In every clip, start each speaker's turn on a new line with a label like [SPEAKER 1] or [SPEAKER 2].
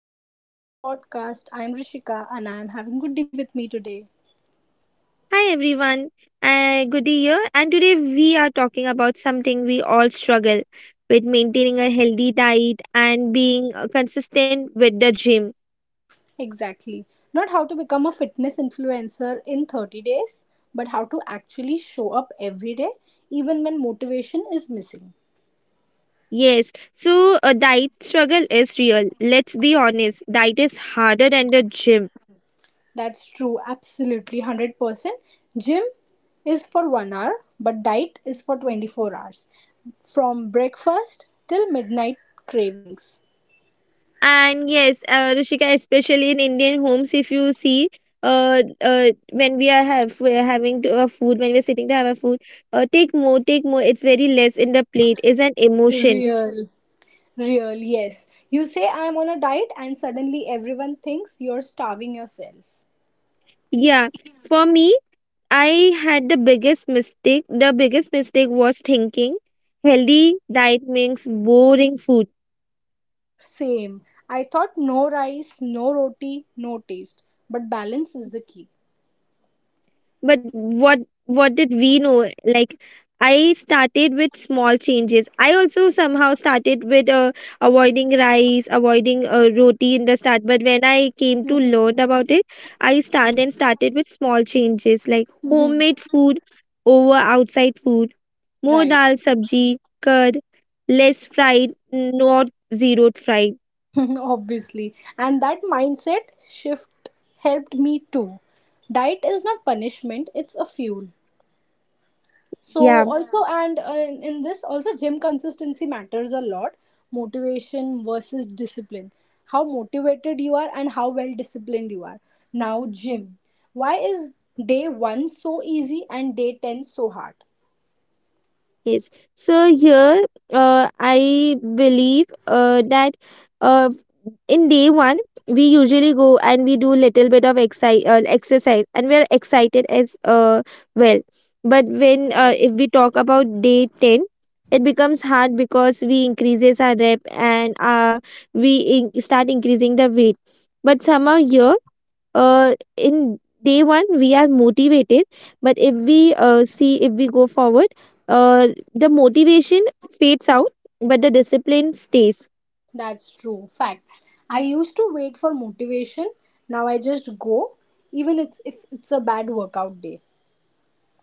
[SPEAKER 1] welcome back to the podcast. I'm Rishika and I am having good with me today.
[SPEAKER 2] Hi everyone, good year. And today we are talking about something we all struggle with maintaining a healthy diet and being consistent with the gym.
[SPEAKER 1] Exactly. Not how to become a fitness influencer in 30 days, but how to actually show up every day even when motivation is missing.
[SPEAKER 2] Yes, so a diet struggle is real. Let's be honest, diet is harder than the gym.
[SPEAKER 1] That's true, absolutely 100%. Gym is for 1 hour, but diet is for 24 hours. From breakfast till midnight cravings.
[SPEAKER 2] And yes, Rishika, especially in Indian homes, if you see, when we are have we're having to, food, when we're sitting to have a food, take more, take more. It's very less in the plate is an emotion.
[SPEAKER 1] Real. Real, yes. You say I'm on a diet, and suddenly everyone thinks you're starving yourself.
[SPEAKER 2] Yeah, for me, I had the biggest mistake. The biggest mistake was thinking healthy diet means boring food.
[SPEAKER 1] Same. I thought no rice, no roti, no taste. But balance is the key.
[SPEAKER 2] But what what did we know, like, I started with small changes. I also somehow started with avoiding rice, avoiding roti in the start, but when I came to learn
[SPEAKER 1] Mhm.
[SPEAKER 2] about it, I started with small changes like
[SPEAKER 1] Mhm.
[SPEAKER 2] homemade food over outside food, more
[SPEAKER 1] Right.
[SPEAKER 2] dal sabji, curd, less fried, not zeroed fried.
[SPEAKER 1] Obviously. And that mindset shift helped me too. Diet is not punishment, it's a fuel. So
[SPEAKER 2] Yeah.
[SPEAKER 1] also and In this also, gym consistency matters a lot. Motivation versus discipline, how motivated you are and how well disciplined you are. Now gym, why is day 1 so easy and day 10 so hard?
[SPEAKER 2] Yes. So here, I believe that uh, in day one we usually go and we do little bit of exercise and we are excited as well. But when
[SPEAKER 1] Right.
[SPEAKER 2] if we talk about day ten, it becomes hard because we increases our rep and we start increasing the weight. But somehow here in day one we are motivated, but if we see, if we go forward, uh, the motivation fades out but the discipline stays.
[SPEAKER 1] That's true. Facts. I used to wait for motivation. Now I just go, if it's a bad workout day.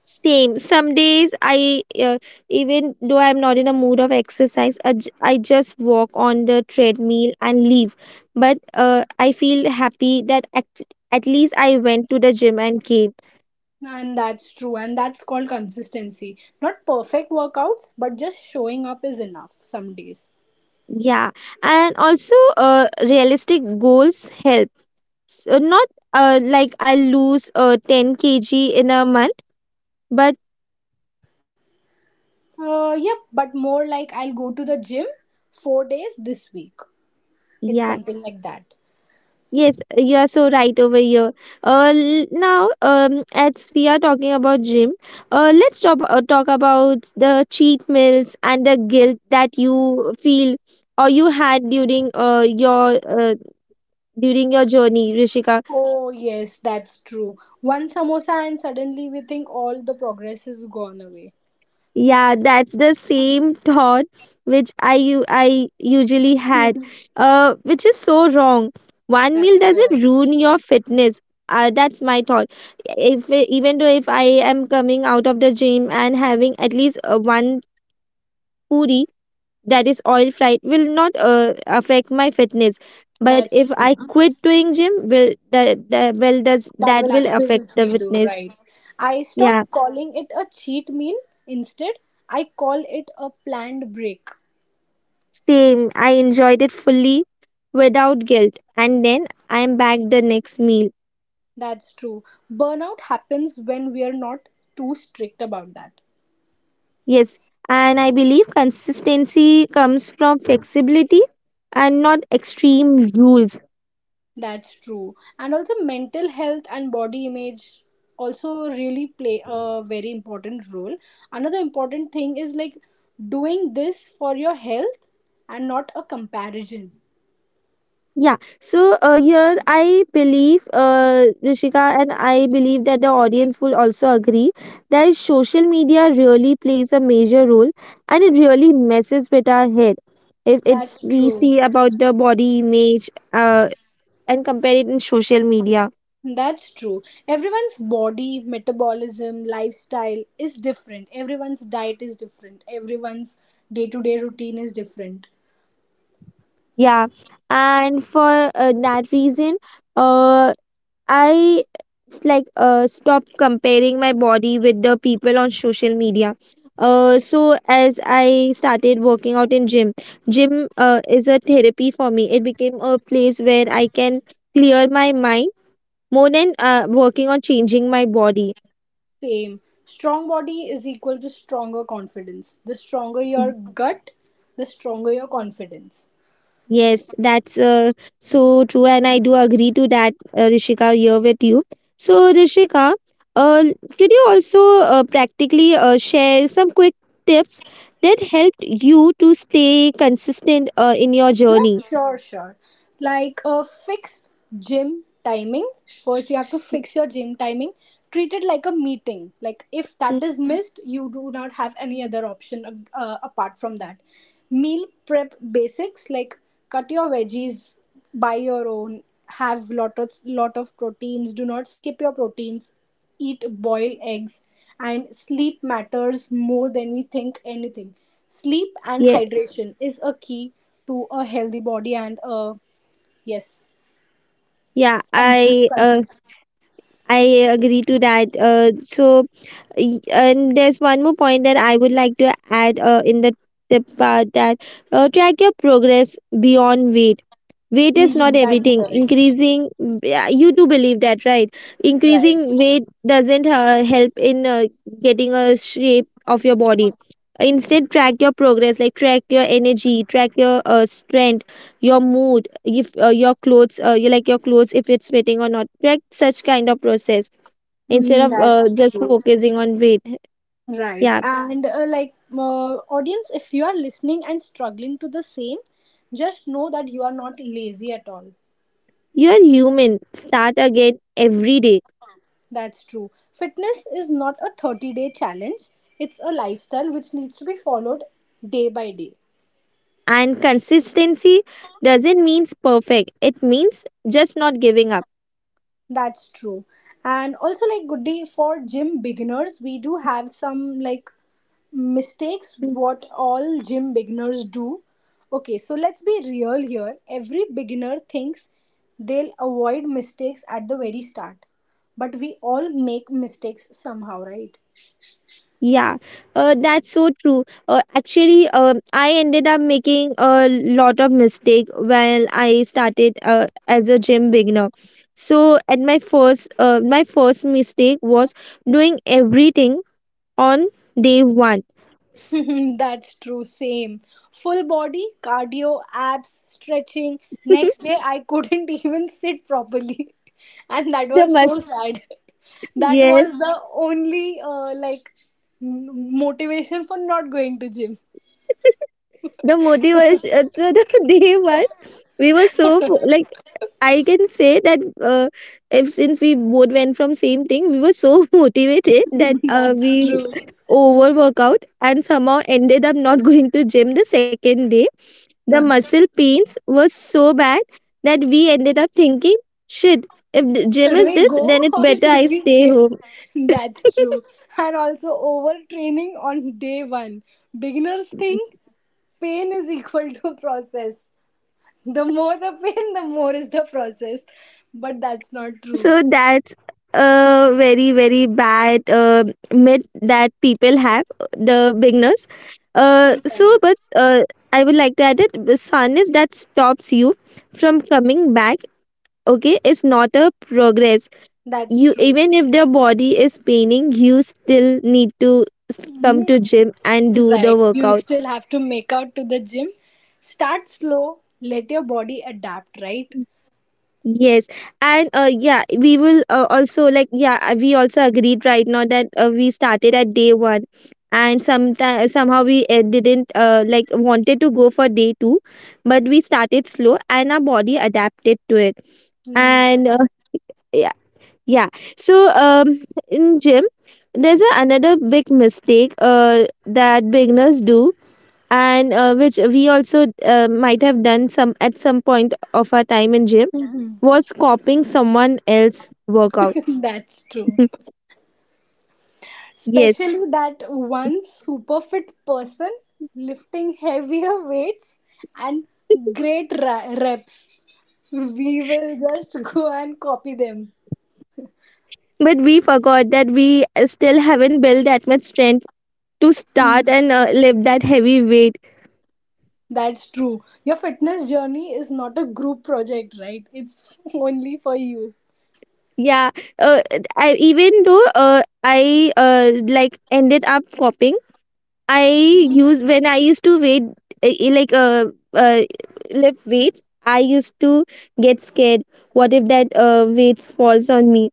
[SPEAKER 2] Same, some days I even though I'm not in a mood of exercise, I just walk on the treadmill and leave, but I feel happy that at least I went to the gym and came.
[SPEAKER 1] And that's true. And that's called consistency. Not perfect workouts, but just showing up is enough some days.
[SPEAKER 2] Yeah, and also realistic goals help, so not like I lose 10 kg in a month, but
[SPEAKER 1] Yep, but more like I'll go to the gym 4 days this week. It's
[SPEAKER 2] yeah,
[SPEAKER 1] something like that.
[SPEAKER 2] yes, you are so right over here. Now, as we are talking about gym, talk about the cheat meals and the guilt that you feel or you had during your during your journey, Rishika.
[SPEAKER 1] Oh, yes, that's true. One samosa, and suddenly we think all the progress is gone away.
[SPEAKER 2] Yeah, that's the same thought which I usually had,
[SPEAKER 1] Mhm.
[SPEAKER 2] which is so wrong. One meal
[SPEAKER 1] That's
[SPEAKER 2] doesn't
[SPEAKER 1] correct.
[SPEAKER 2] ruin your fitness. That's my thought. If even though if I am coming out of the gym and having at least one puri that is oil fried will not affect my fitness. But
[SPEAKER 1] That's
[SPEAKER 2] if I
[SPEAKER 1] true.
[SPEAKER 2] quit doing gym, will the well does
[SPEAKER 1] That
[SPEAKER 2] that
[SPEAKER 1] will
[SPEAKER 2] will affect the
[SPEAKER 1] absolutely do,
[SPEAKER 2] fitness?
[SPEAKER 1] right? I
[SPEAKER 2] Yeah.
[SPEAKER 1] stopped calling it a cheat meal. Instead, I call it a planned break.
[SPEAKER 2] Same, I enjoyed it fully without guilt. And then I am back the next meal.
[SPEAKER 1] That's true. Burnout happens when we are not too strict about that.
[SPEAKER 2] Yes, and I believe consistency comes from flexibility and not extreme rules.
[SPEAKER 1] That's true. And also, mental health and body image also really play a very important role. Another important thing is like doing this for your health and not a comparison.
[SPEAKER 2] Yeah, so here I believe, Rishika, and I believe that the audience will also agree that social media really plays a major role and it really messes with our head. If it's
[SPEAKER 1] That's
[SPEAKER 2] we
[SPEAKER 1] true.
[SPEAKER 2] see about the body image, and compare it in social media.
[SPEAKER 1] That's true. Everyone's body, metabolism, lifestyle is different. Everyone's diet is different. Everyone's day to day routine is different.
[SPEAKER 2] Yeah, and for that reason, uh, I like stop comparing my body with the people on social media. So as I started working out in gym, gym is a therapy for me. It became a place where I can clear my mind more than working on changing my body.
[SPEAKER 1] Same. Strong body is equal to stronger confidence. The stronger your gut, the stronger your confidence.
[SPEAKER 2] Yes, that's so true, and I do agree to that, Rishika, here with you. So, Rishika, uh, could you also practically share some quick tips that helped you to stay consistent in your
[SPEAKER 1] Yeah,
[SPEAKER 2] journey?
[SPEAKER 1] sure, sure. Like a fixed gym timing. First, you have to fix your gym timing. Treat it like a meeting. Like if
[SPEAKER 2] Mm.
[SPEAKER 1] that is missed, you do not have any other option apart from that. Meal prep basics like cut your veggies, buy your own, have lot of proteins. Do not skip your proteins. Eat boiled eggs, and sleep matters more than we think anything. Sleep and
[SPEAKER 2] Yeah,
[SPEAKER 1] hydration is a key to a healthy body and yes,
[SPEAKER 2] yeah,
[SPEAKER 1] cons-
[SPEAKER 2] I uh,
[SPEAKER 1] consistent.
[SPEAKER 2] I agree to that. So, and there's one more point that I would like to add in the tip part, that track your progress beyond weight. Weight is not
[SPEAKER 1] Mhm, that's
[SPEAKER 2] everything.
[SPEAKER 1] correct.
[SPEAKER 2] Increasing, yeah, you do believe that, right?
[SPEAKER 1] Right.
[SPEAKER 2] Increasing weight doesn't help in getting a shape of your body. Instead track your progress, like track your energy, track your strength, your mood, if your clothes you like your clothes, if it's fitting or not. Track such kind of process instead
[SPEAKER 1] Mm,
[SPEAKER 2] of
[SPEAKER 1] that's
[SPEAKER 2] just
[SPEAKER 1] true
[SPEAKER 2] focusing on weight. Yeah,
[SPEAKER 1] right and like uh, audience, if you are listening and struggling to the same, just know that you are not lazy at all.
[SPEAKER 2] you're human, start again every day.
[SPEAKER 1] That's true. Fitness is not a 30-day challenge, it's a lifestyle which needs to be followed day by day.
[SPEAKER 2] And consistency doesn't mean perfect, it means just not giving up.
[SPEAKER 1] That's true. And also, like, good day for gym beginners. We do have some, like, mistakes
[SPEAKER 2] Mm.
[SPEAKER 1] what all gym beginners do. Okay, so let's be real here. Every beginner thinks they'll avoid mistakes at the very start. But we all make mistakes somehow, right?
[SPEAKER 2] Yeah, that's so true. Actually, I ended up making a lot of mistake when I started as a gym beginner. So at my my first mistake was doing everything on day one. S-
[SPEAKER 1] That's true, same. Full body, cardio, abs, stretching. Next day, I couldn't even sit properly. And that
[SPEAKER 2] the
[SPEAKER 1] was so
[SPEAKER 2] must,
[SPEAKER 1] sad. That
[SPEAKER 2] yes,
[SPEAKER 1] was the only motivation for not going to gym.
[SPEAKER 2] the motivation. So the day one, we were so, like, I can say that if since we both went from same thing, we were so motivated that
[SPEAKER 1] That's
[SPEAKER 2] we
[SPEAKER 1] true.
[SPEAKER 2] overwork out and somehow ended up not going to gym the second day. The muscle pains were so bad that we ended up thinking, shit, if the gym
[SPEAKER 1] Should
[SPEAKER 2] is
[SPEAKER 1] we
[SPEAKER 2] this,
[SPEAKER 1] go
[SPEAKER 2] then it's
[SPEAKER 1] or
[SPEAKER 2] better
[SPEAKER 1] should
[SPEAKER 2] I
[SPEAKER 1] we
[SPEAKER 2] stay
[SPEAKER 1] skip?
[SPEAKER 2] home.
[SPEAKER 1] That's true. And also overtraining on day one. Beginners think pain is equal to process. The more the pain, the more is the process. But that's not true.
[SPEAKER 2] So that's a very very bad myth that people have, the beginners.
[SPEAKER 1] Right.
[SPEAKER 2] So but I would like to add that the soreness that stops you from coming back. Okay, is not a progress.
[SPEAKER 1] That's
[SPEAKER 2] You,
[SPEAKER 1] true.
[SPEAKER 2] even if the body is paining, you still need to come
[SPEAKER 1] Mhm.
[SPEAKER 2] to gym and do the
[SPEAKER 1] Right. You
[SPEAKER 2] workout.
[SPEAKER 1] still have to make out to the gym. Start slow. Let your body adapt, right?
[SPEAKER 2] Yes, and yeah, we will also, like, yeah, we also agreed right now that we started at day one, and sometime somehow we didn't like wanted to go for day two, but we started slow and our body adapted to it.
[SPEAKER 1] Mm,
[SPEAKER 2] And
[SPEAKER 1] that's
[SPEAKER 2] yeah, yeah. So in gym, there's another big mistake that beginners do, and which we also might have done some at some point of our time in gym
[SPEAKER 1] Mhm.
[SPEAKER 2] was copying someone else's workout.
[SPEAKER 1] That's true.
[SPEAKER 2] Yes,
[SPEAKER 1] Especially that one super fit person lifting heavier weights and great reps. We will just go and copy them.
[SPEAKER 2] but we forgot that we still haven't built that much strength to start and lift that heavy weight.
[SPEAKER 1] That's true. Your fitness journey is not a group project, right? It's only for you.
[SPEAKER 2] Yeah, uh, I, even though I like ended up copying, I use when I used to weight uh, uh, like uh, uh, lift weights. I used to get scared. What if that weight falls on me?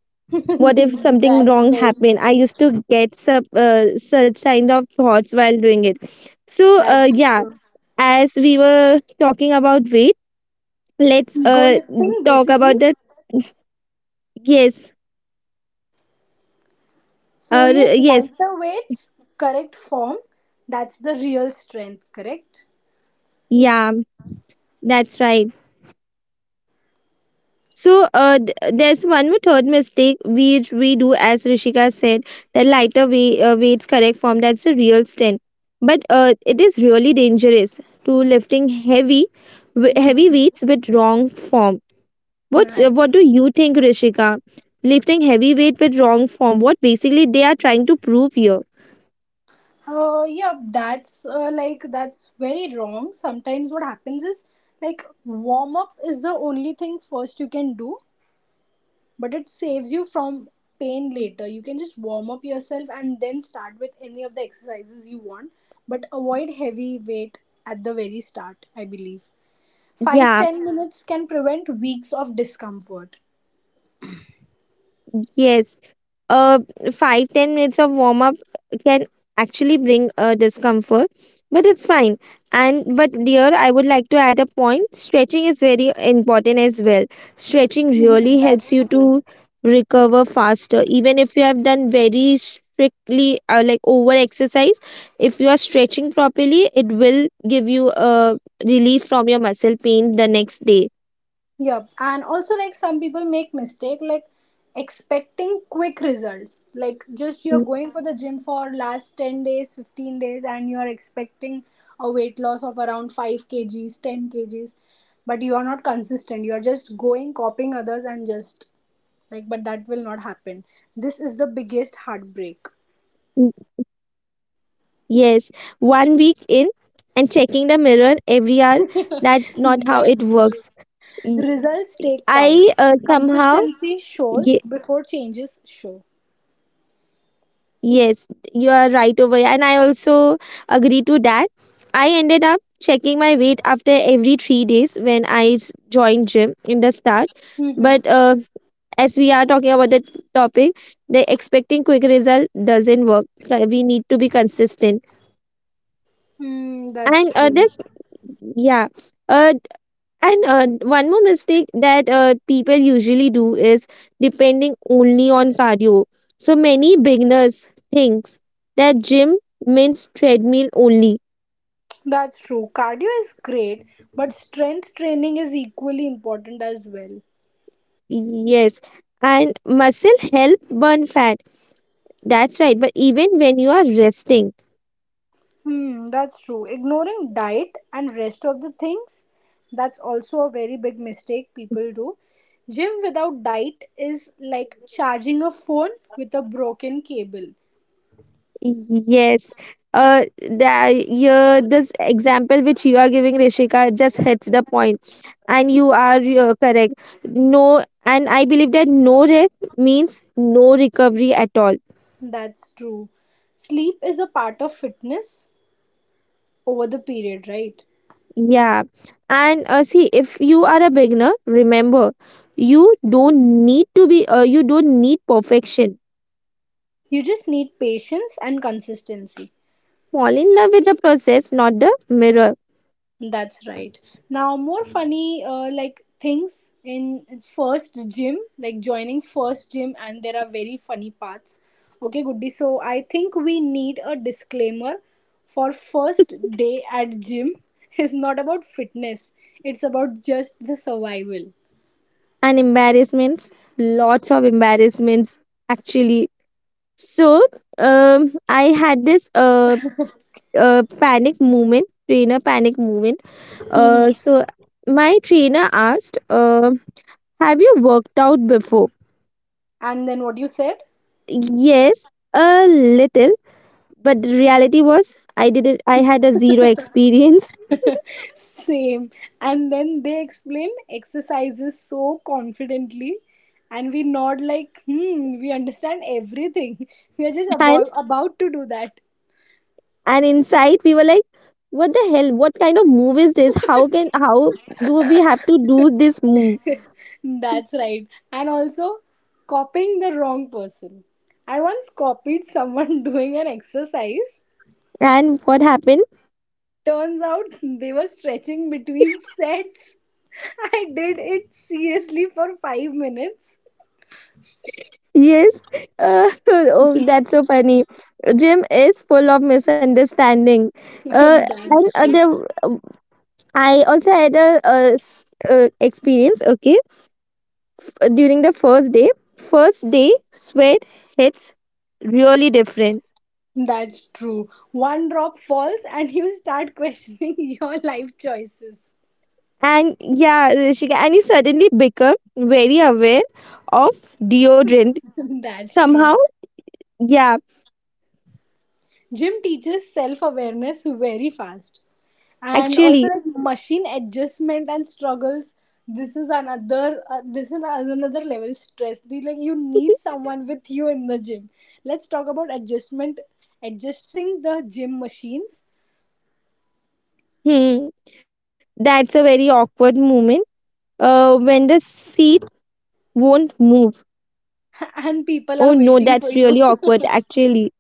[SPEAKER 2] What if something
[SPEAKER 1] That's
[SPEAKER 2] wrong
[SPEAKER 1] very
[SPEAKER 2] happened? I
[SPEAKER 1] true.
[SPEAKER 2] used to get such kind of thoughts while doing it. So
[SPEAKER 1] That's
[SPEAKER 2] yeah,
[SPEAKER 1] true.
[SPEAKER 2] as we were talking about weight, let's
[SPEAKER 1] Go lifting
[SPEAKER 2] talk
[SPEAKER 1] basically.
[SPEAKER 2] about that. Yes,
[SPEAKER 1] So yes,
[SPEAKER 2] yes.
[SPEAKER 1] lighter weights, correct form. That's the real strength, correct?
[SPEAKER 2] Yeah, that's right. So there's one more third mistake which we do, as Rishika said, the lighter weights, correct form, that's a real strength. But it is really dangerous to lifting heavy heavy
[SPEAKER 1] Mhm.
[SPEAKER 2] weights with wrong form. What's what do you think, Rishika? Lifting heavy weight with wrong form. What basically they are trying to prove here?
[SPEAKER 1] Yeah, that's very wrong. Sometimes what happens is like warm up is the only thing first you can do, but it saves you from pain later. You can just warm up yourself and then start with any of the exercises you want, but avoid heavy weight at the very start. I believe five
[SPEAKER 2] Yeah,
[SPEAKER 1] ten minutes can prevent weeks of discomfort.
[SPEAKER 2] yes, uh, 5-10 minutes of warm up can actually bring discomfort, but it's fine. And but dear, I would like to add a point. Stretching is very important as well. Stretching really helps you to recover faster, even if you have done very strictly like over exercise. If you are stretching properly, it will give you a relief from your muscle pain the next day.
[SPEAKER 1] Yep. And also like some people make mistake like expecting quick results. Like just you're going for the gym for last 10 days, 15 days and you're expecting a weight loss of around 5 kgs, 10 kgs, but you are not consistent. You're just going copying others and just like but that will not happen. This is the biggest heartbreak.
[SPEAKER 2] Yes, 1 week in and checking the mirror every hour, that's not how it works.
[SPEAKER 1] That's true.
[SPEAKER 2] Y-
[SPEAKER 1] Results
[SPEAKER 2] I
[SPEAKER 1] take time.
[SPEAKER 2] somehow,
[SPEAKER 1] Consistency
[SPEAKER 2] ye-
[SPEAKER 1] shows before changes show.
[SPEAKER 2] yes, you are right over here, and I also agree to that. I ended up checking my weight after every 3 days when joined gym in the start.
[SPEAKER 1] Mm-hmm.
[SPEAKER 2] But as we are talking about the topic, the expecting quick result doesn't work. We need to be consistent.
[SPEAKER 1] Hmm, that's
[SPEAKER 2] And
[SPEAKER 1] true.
[SPEAKER 2] yeah. Uh, And One more mistake that people usually do is depending only on cardio. So many beginners thinks that gym means treadmill only.
[SPEAKER 1] That's true. Cardio is great, but strength training is equally important as well.
[SPEAKER 2] Yes, and muscle help burn fat. That's right. But even when you are resting.
[SPEAKER 1] Hmm, that's true. Ignoring diet and rest of the things, that's also a very big mistake people do. Gym without diet is like charging a phone with a broken cable.
[SPEAKER 2] Yes. Yeah, this example which you are giving, Rishika, just hits the point, and you are correct. No, and I believe that no rest means no recovery at all.
[SPEAKER 1] That's true. Sleep is a part of fitness over the period, right?
[SPEAKER 2] Yeah. And see, if you are a beginner, remember, you don't need to you don't need perfection.
[SPEAKER 1] You just need patience and consistency.
[SPEAKER 2] Fall in love with the process, not the mirror.
[SPEAKER 1] That's right. Now, more funny like things in first gym, like joining first gym, and there are very funny parts. Okay, Goody. So I think we need a disclaimer for first day at gym is not about fitness. It's about just the survival.
[SPEAKER 2] And embarrassments, lots of embarrassments, actually. So I had this panic moment, trainer panic moment. Uh,
[SPEAKER 1] Mhm.
[SPEAKER 2] so my trainer asked, "Have you worked out before?"
[SPEAKER 1] And then what you said?
[SPEAKER 2] Yes, a little, but the reality was I didn't. I had a zero experience,
[SPEAKER 1] Same. And then they explain exercises so confidently, and we nod like, hmm, we understand everything. We are just
[SPEAKER 2] and
[SPEAKER 1] about to do that.
[SPEAKER 2] and inside we were like, "What the hell? What kind of move is this? How can how do we have to do this move?"
[SPEAKER 1] That's right. And also, copying the wrong person. I once copied someone doing an exercise.
[SPEAKER 2] And what happened?
[SPEAKER 1] Turns out they were stretching between sets. I did it seriously for 5 minutes.
[SPEAKER 2] Yes. Oh, that's so funny. Gym is full of misunderstanding. Uh, and
[SPEAKER 1] That's
[SPEAKER 2] uh,
[SPEAKER 1] true.
[SPEAKER 2] the, um, I also had a, s- experience. Okay, during the first day sweat hits really different.
[SPEAKER 1] That's true. One drop falls and you start questioning your life choices.
[SPEAKER 2] And yeah, Rishika, and you suddenly become very aware of deodorant
[SPEAKER 1] That's true.
[SPEAKER 2] somehow. Yeah,
[SPEAKER 1] Gym teaches self awareness very fast. And also,
[SPEAKER 2] actually,
[SPEAKER 1] like machine adjustment and struggles, this is another level stress. The, like you need someone with you in the gym. Let's talk about adjustment, adjusting the gym machines,
[SPEAKER 2] hmm, that's a very awkward moment. When the seat won't move.
[SPEAKER 1] and people
[SPEAKER 2] Oh
[SPEAKER 1] are
[SPEAKER 2] no,
[SPEAKER 1] waiting for
[SPEAKER 2] that's
[SPEAKER 1] you.
[SPEAKER 2] really awkward actually.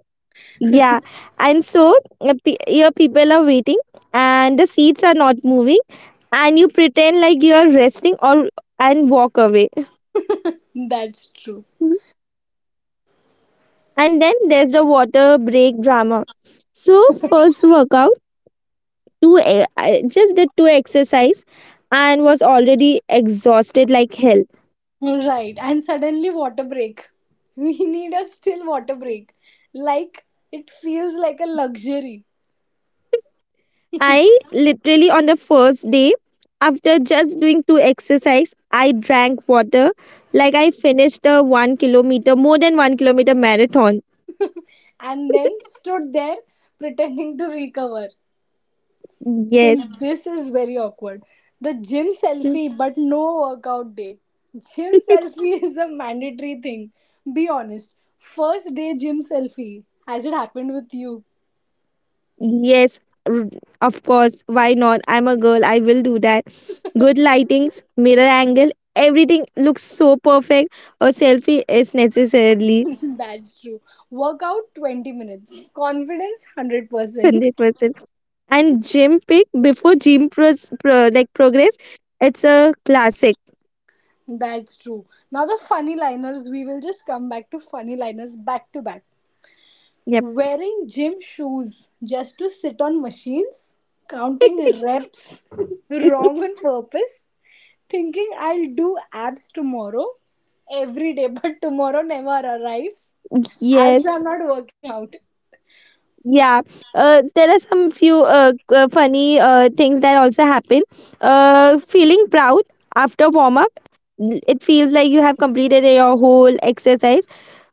[SPEAKER 2] Yeah. And so your people are waiting and the seats are not moving and you pretend like you are resting or and walk away.
[SPEAKER 1] That's true.
[SPEAKER 2] And then there's the water break drama. So first workout, I just did two exercise and was already exhausted like hell.
[SPEAKER 1] Right, and suddenly water break. We need a still water break. Like it feels like a luxury.
[SPEAKER 2] I literally on the first day after just doing two exercise I drank water like I finished a one kilometer, more than one kilometer marathon.
[SPEAKER 1] And then stood there pretending to recover. Hmm,
[SPEAKER 2] Yes.
[SPEAKER 1] this is very awkward. The gym selfie, but no workout day. Gym selfie is a mandatory thing. Be honest. First day gym selfie. Has it happened with you?
[SPEAKER 2] Yes, r- of course. Why not? I'm a girl. I will do that. Good lightings, mirror angle, everything looks so perfect. A selfie is necessarily
[SPEAKER 1] That's true. Workout 20 minutes. Confidence 100%.
[SPEAKER 2] 100%. And gym pic before like progress, it's a classic.
[SPEAKER 1] That's true. Now the funny liners, we will just come back to funny liners back to back.
[SPEAKER 2] Yep.
[SPEAKER 1] Wearing gym shoes just to sit on machines, counting reps wrong on purpose, thinking I'll do abs tomorrow every day, but tomorrow never arrives. Abs
[SPEAKER 2] Yes,
[SPEAKER 1] are not working out.
[SPEAKER 2] yeah. There are some few funny things that also happen. Feeling proud after warm up, it feels like you have completed your whole exercise.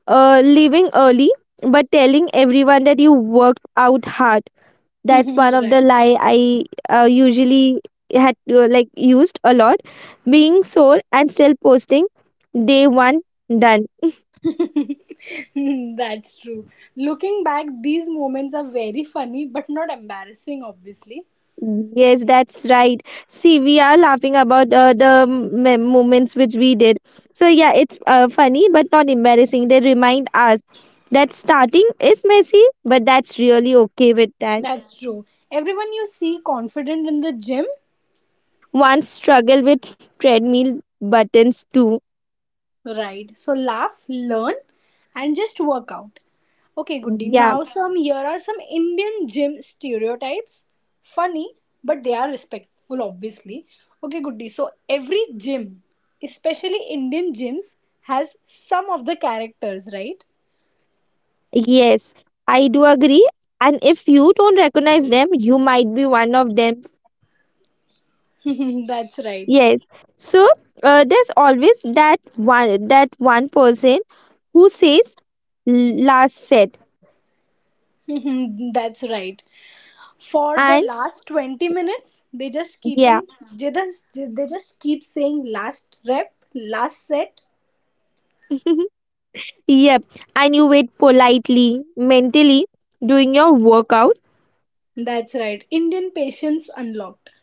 [SPEAKER 2] Leaving early, but telling everyone that you worked out hard. That's one of the
[SPEAKER 1] Right.
[SPEAKER 2] lie I usually had to used a lot. Being sore and still posting day one done.
[SPEAKER 1] That's true. Looking back, these moments are very funny but not embarrassing, obviously.
[SPEAKER 2] Yes, that's right. See, we are laughing about the moments which we did. So, yeah, it's funny but not embarrassing. They remind us that starting is messy, but that's really okay with that.
[SPEAKER 1] That's true. Everyone you see confident in the gym,
[SPEAKER 2] One struggle with treadmill buttons too.
[SPEAKER 1] right? So laugh, learn, and just work out. Okay, Goody.
[SPEAKER 2] Yeah,
[SPEAKER 1] Now, some here are some Indian gym stereotypes. Funny, but they are respectful, obviously. Okay, Goody. So every gym, especially Indian gyms, has some of the characters, right?
[SPEAKER 2] yes, I do agree. And if you don't recognize them, you might be one of them.
[SPEAKER 1] That's right.
[SPEAKER 2] Yes. So, there's always that one person. Who says? Last set?
[SPEAKER 1] That's right. For the
[SPEAKER 2] And
[SPEAKER 1] last 20 minutes they just
[SPEAKER 2] yeah.
[SPEAKER 1] keeping, they just keep saying last rep last set.
[SPEAKER 2] Yep. And you wait politely, mentally, doing your workout.
[SPEAKER 1] That's right, Indian patience unlocked.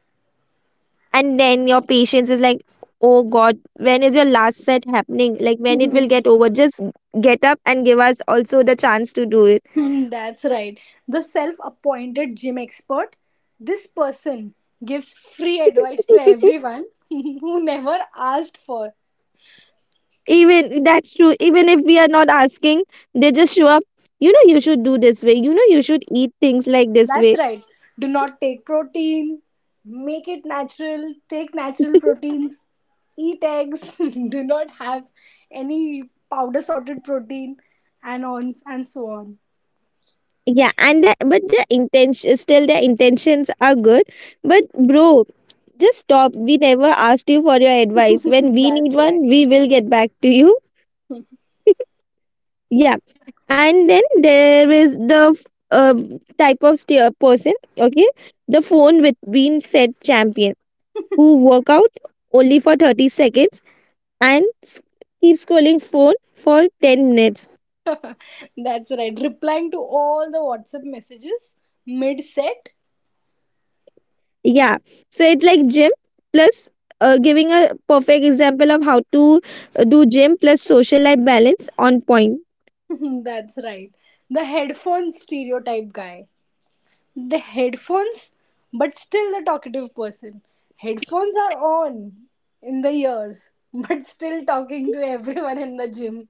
[SPEAKER 2] And then your patience is like, oh God, when is your last set happening? Like, when it will get over? Just get up and give us also the chance to do it.
[SPEAKER 1] Hmm, that's right. The self-appointed gym expert, this person gives free advice to everyone who never asked for.
[SPEAKER 2] Even that's true. Even if we are not asking, they just show up. You know, you should do this way. You know, you should eat things like this
[SPEAKER 1] That's
[SPEAKER 2] way.
[SPEAKER 1] right. Do not take protein. Make it natural. Take natural proteins. Eat eggs. Do not have any powder sorted protein and on and so on.
[SPEAKER 2] Yeah, but the intention still the intentions are good, but bro, just stop. We never asked you for your advice. When we need
[SPEAKER 1] That's right.
[SPEAKER 2] one we will get back to you. Yeah, and then there is the type of steer person. Okay, the phone with being said champion who work out only for 30 seconds and keep scrolling phone for 10 minutes.
[SPEAKER 1] That's right. Replying to all the WhatsApp messages mid set.
[SPEAKER 2] Yeah. So it's like gym plus giving a perfect example of how to do gym plus social life balance on point.
[SPEAKER 1] That's right. The headphone stereotype guy. The headphones, but still the talkative person. Headphones are on in the ears, but still talking to everyone in the gym.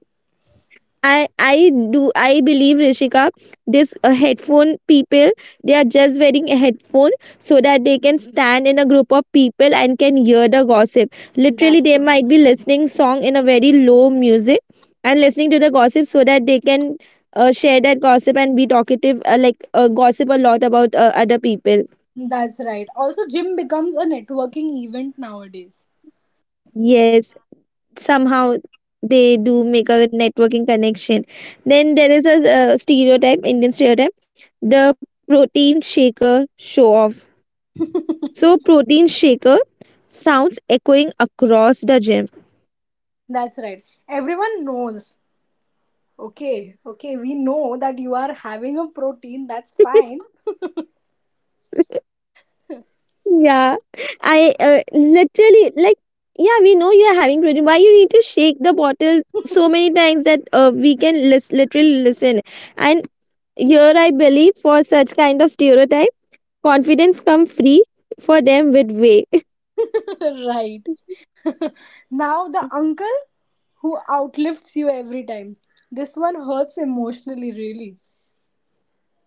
[SPEAKER 2] I believe, Rishika, this headphone people, they are just wearing a headphone so that they can stand in a group of people and can hear the gossip. Literally
[SPEAKER 1] That's
[SPEAKER 2] they
[SPEAKER 1] right.
[SPEAKER 2] might be listening song in a very low music and listening to the gossip so that they can share that gossip and be talkative, like gossip a lot about other people.
[SPEAKER 1] That's right. Also, gym becomes a networking event nowadays.
[SPEAKER 2] Yes, somehow they do make a networking connection. Then there is a stereotype indian stereotype, the protein shaker show off. So protein shaker sounds echoing across the gym.
[SPEAKER 1] That's right. Everyone knows. Okay, okay, we know that you are having a protein, that's fine.
[SPEAKER 2] Yeah, I literally like, yeah, we know you're having protein, why you need to shake the bottle so many times that we can literally listen. And here I believe for such kind of stereotype, confidence come free for them with way.
[SPEAKER 1] Right. Now, the uncle who outlifts you every time. This one hurts emotionally, really.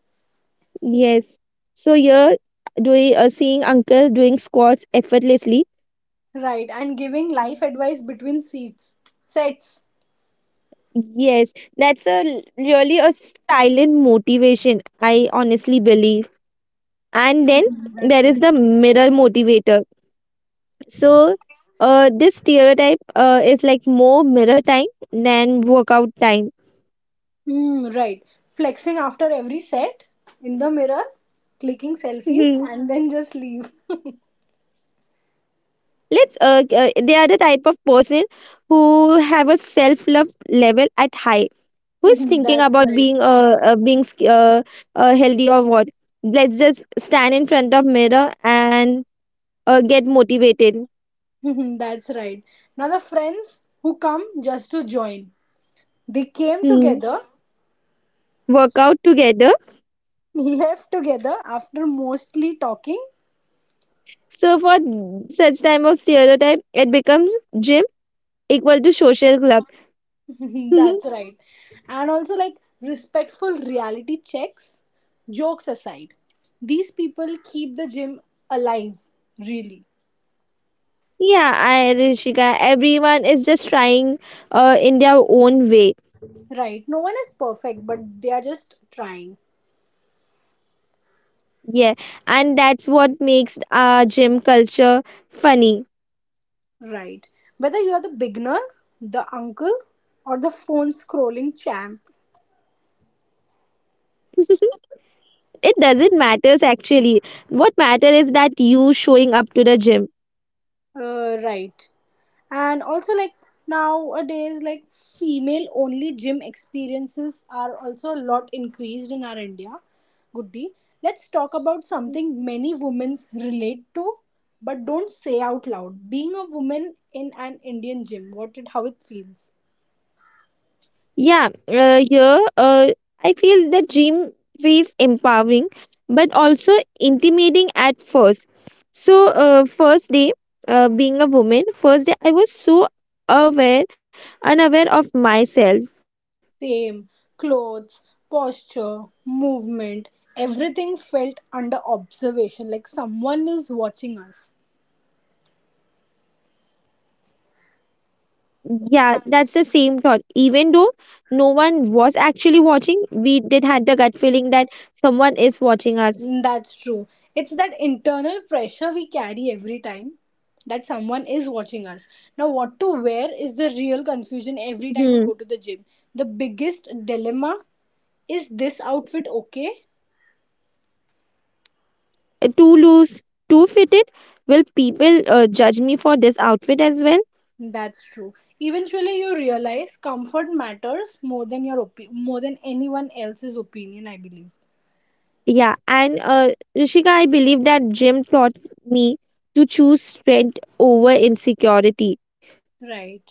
[SPEAKER 2] Yes. So you're doing seeing uncle doing squats effortlessly.
[SPEAKER 1] Right, and giving life advice between seats. Sets.
[SPEAKER 2] Yes, that's a really a silent motivation. I honestly believe. And then
[SPEAKER 1] That's
[SPEAKER 2] there
[SPEAKER 1] right.
[SPEAKER 2] is the mirror motivator. So, this stereotype is like more mirror time than workout time.
[SPEAKER 1] Mm, right. Flexing after every set in the mirror, clicking selfies,
[SPEAKER 2] Mhm.
[SPEAKER 1] and then just leave.
[SPEAKER 2] Let's they are the type of person who have a self love level at high, who's thinking about
[SPEAKER 1] That's
[SPEAKER 2] being
[SPEAKER 1] right.
[SPEAKER 2] healthy or what. Let's just stand in front of mirror and get motivated.
[SPEAKER 1] That's right. Now, the friends who come just to join, they came
[SPEAKER 2] Hmm.
[SPEAKER 1] together,
[SPEAKER 2] Work out together.
[SPEAKER 1] left together after mostly talking.
[SPEAKER 2] So for such type of stereotype it becomes gym equal to social club.
[SPEAKER 1] That's right. And also, like, respectful reality checks, jokes aside, these people keep the gym alive, really.
[SPEAKER 2] Yeah, I rishika, everyone is just trying in their own way.
[SPEAKER 1] Right? No one is perfect, but they are just trying.
[SPEAKER 2] Yeah, and that's what makes gym culture funny.
[SPEAKER 1] Right. Whether you are the beginner, the uncle, or the phone scrolling champ,
[SPEAKER 2] It doesn't matters actually. What matter is that you showing up to the gym.
[SPEAKER 1] Right. And also, like nowadays, like female only gym experiences are also a lot increased in our India. Goody. Let's talk about something many women relate to but don't say out loud. Being a woman in an Indian gym, what it how it feels.
[SPEAKER 2] Yeah, here uh, I feel the gym feels empowering but also intimidating at first. So first day, being a woman, first day I was so aware unaware of myself.
[SPEAKER 1] Same. Clothes, posture, movement, everything felt under observation, like someone is watching us.
[SPEAKER 2] Yeah, that's the same thought. Even though no one was actually watching, we did had the gut feeling that someone is watching us.
[SPEAKER 1] Mm, that's true. It's that internal pressure we carry every time that someone is watching us. Now, what to wear is the real confusion every time you go to
[SPEAKER 2] Hmm.
[SPEAKER 1] the gym. The biggest dilemma is this outfit okay?
[SPEAKER 2] Too loose, too fitted? Will people judge me for this outfit as well?
[SPEAKER 1] That's true. Eventually, you realize comfort matters more than your more than anyone else's opinion, I believe.
[SPEAKER 2] Yeah, and Rishika, I believe that gym taught me to choose strength over insecurity
[SPEAKER 1] Right.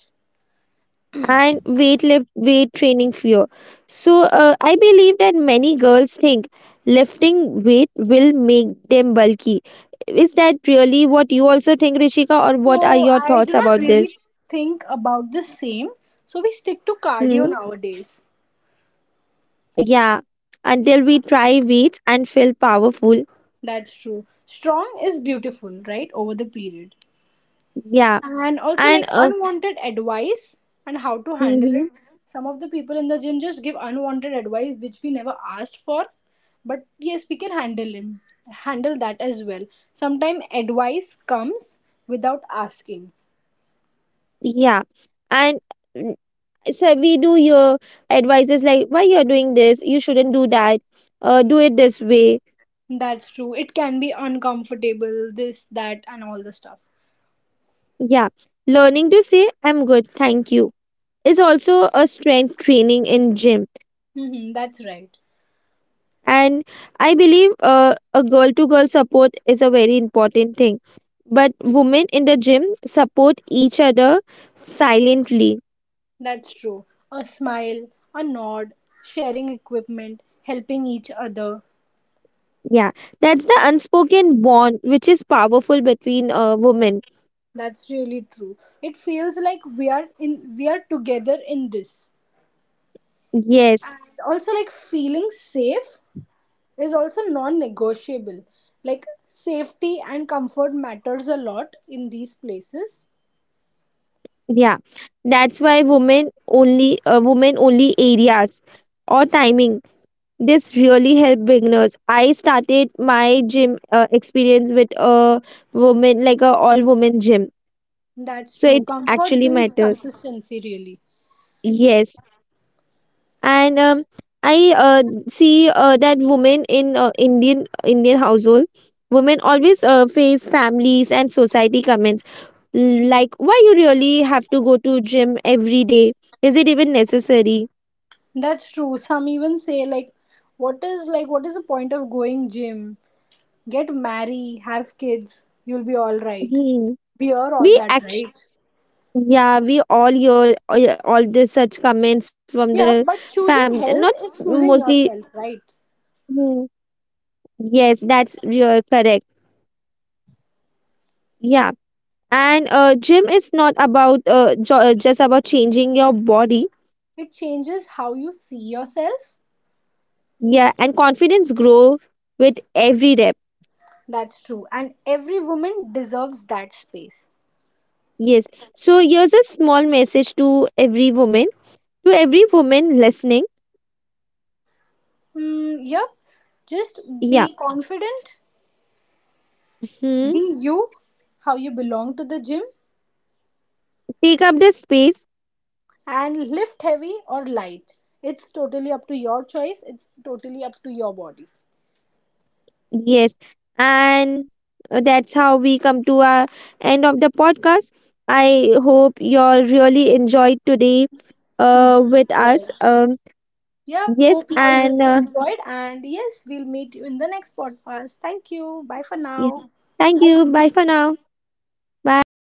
[SPEAKER 2] and weight training fear. So I believe that many girls think lifting weight will make them bulky. Is that really what you also think, Rishika, or what are
[SPEAKER 1] So
[SPEAKER 2] your
[SPEAKER 1] I do
[SPEAKER 2] thoughts
[SPEAKER 1] not
[SPEAKER 2] about
[SPEAKER 1] really
[SPEAKER 2] this?
[SPEAKER 1] think about the same. So we stick to
[SPEAKER 2] Hmm?
[SPEAKER 1] cardio nowadays.
[SPEAKER 2] Yeah, until we try weights and feel powerful.
[SPEAKER 1] That's true. Strong is beautiful, right? Over the period.
[SPEAKER 2] Yeah,
[SPEAKER 1] And also,
[SPEAKER 2] and
[SPEAKER 1] like, unwanted advice and how to handle it.
[SPEAKER 2] mhm,
[SPEAKER 1] Some of the people in the gym just give unwanted advice which we never asked for. But yes, we can handle him. Handle that as well. Sometimes advice comes without asking.
[SPEAKER 2] yeah, and mm, so we do your advices like why you're doing this, you shouldn't do that, do it this way.
[SPEAKER 1] That's true. It can be uncomfortable, this, that, and all the stuff.
[SPEAKER 2] Yeah, learning to say I'm good, thank you is also a strength training in gym.
[SPEAKER 1] Mm-hmm, that's right.
[SPEAKER 2] And I believe a girl to girl support is a very important thing. But women in the gym support each other silently.
[SPEAKER 1] That's true. A smile, a nod, sharing equipment, helping each other.
[SPEAKER 2] Yeah, that's the unspoken bond which is powerful between women.
[SPEAKER 1] That's really true. It feels like we are together in this.
[SPEAKER 2] Yes,
[SPEAKER 1] And also like feeling safe is also non-negotiable. Like safety and comfort matters a lot in these places.
[SPEAKER 2] yeah. That's why women only areas or timing. This really help beginners. I started my gym experience with a woman like a all woman gym.
[SPEAKER 1] That's
[SPEAKER 2] So
[SPEAKER 1] true.
[SPEAKER 2] it
[SPEAKER 1] Comfort
[SPEAKER 2] actually
[SPEAKER 1] builds
[SPEAKER 2] matters.
[SPEAKER 1] consistency really.
[SPEAKER 2] Yes. And I see that women in Indian household, women always face families and society comments. Like, why you really have to go to gym every day? Is it even necessary?
[SPEAKER 1] That's true. Some even say like what is the point of going gym? Get marry, have kids, you'll be all right.
[SPEAKER 2] Hmm.
[SPEAKER 1] We are all
[SPEAKER 2] We
[SPEAKER 1] that,
[SPEAKER 2] actually,
[SPEAKER 1] right?
[SPEAKER 2] yeah, we all hear all the such comments from the
[SPEAKER 1] Yeah, but
[SPEAKER 2] fam. Not
[SPEAKER 1] choosing health is
[SPEAKER 2] mostly.
[SPEAKER 1] choosing yourself, right?
[SPEAKER 2] Hmm. Yes, that's real correct. Yeah, and gym is not about jo just about changing your body.
[SPEAKER 1] It changes how you see yourself.
[SPEAKER 2] Yeah, and confidence grow with every rep.
[SPEAKER 1] That's true. And every woman deserves that space.
[SPEAKER 2] Yes. So here's a small message to every woman listening.
[SPEAKER 1] Mm, yep. Just
[SPEAKER 2] Yeah.
[SPEAKER 1] be confident,
[SPEAKER 2] Hmm.
[SPEAKER 1] be you, how you belong to the gym,
[SPEAKER 2] Take up the space.
[SPEAKER 1] and lift heavy or light. It's totally up to your choice, it's totally up to your body.
[SPEAKER 2] Yes, and that's how we come to our end of the podcast. I hope you all really enjoyed today
[SPEAKER 1] Mhm.
[SPEAKER 2] with
[SPEAKER 1] Right.
[SPEAKER 2] us.
[SPEAKER 1] Yep.
[SPEAKER 2] Yes,
[SPEAKER 1] Hope you all really
[SPEAKER 2] and
[SPEAKER 1] enjoyed. And yes, we'll meet you in the next podcast. Thank you. Bye for
[SPEAKER 2] yeah.
[SPEAKER 1] now.
[SPEAKER 2] Thank
[SPEAKER 1] Have a
[SPEAKER 2] you.
[SPEAKER 1] good
[SPEAKER 2] Bye for
[SPEAKER 1] day.
[SPEAKER 2] now. Bye.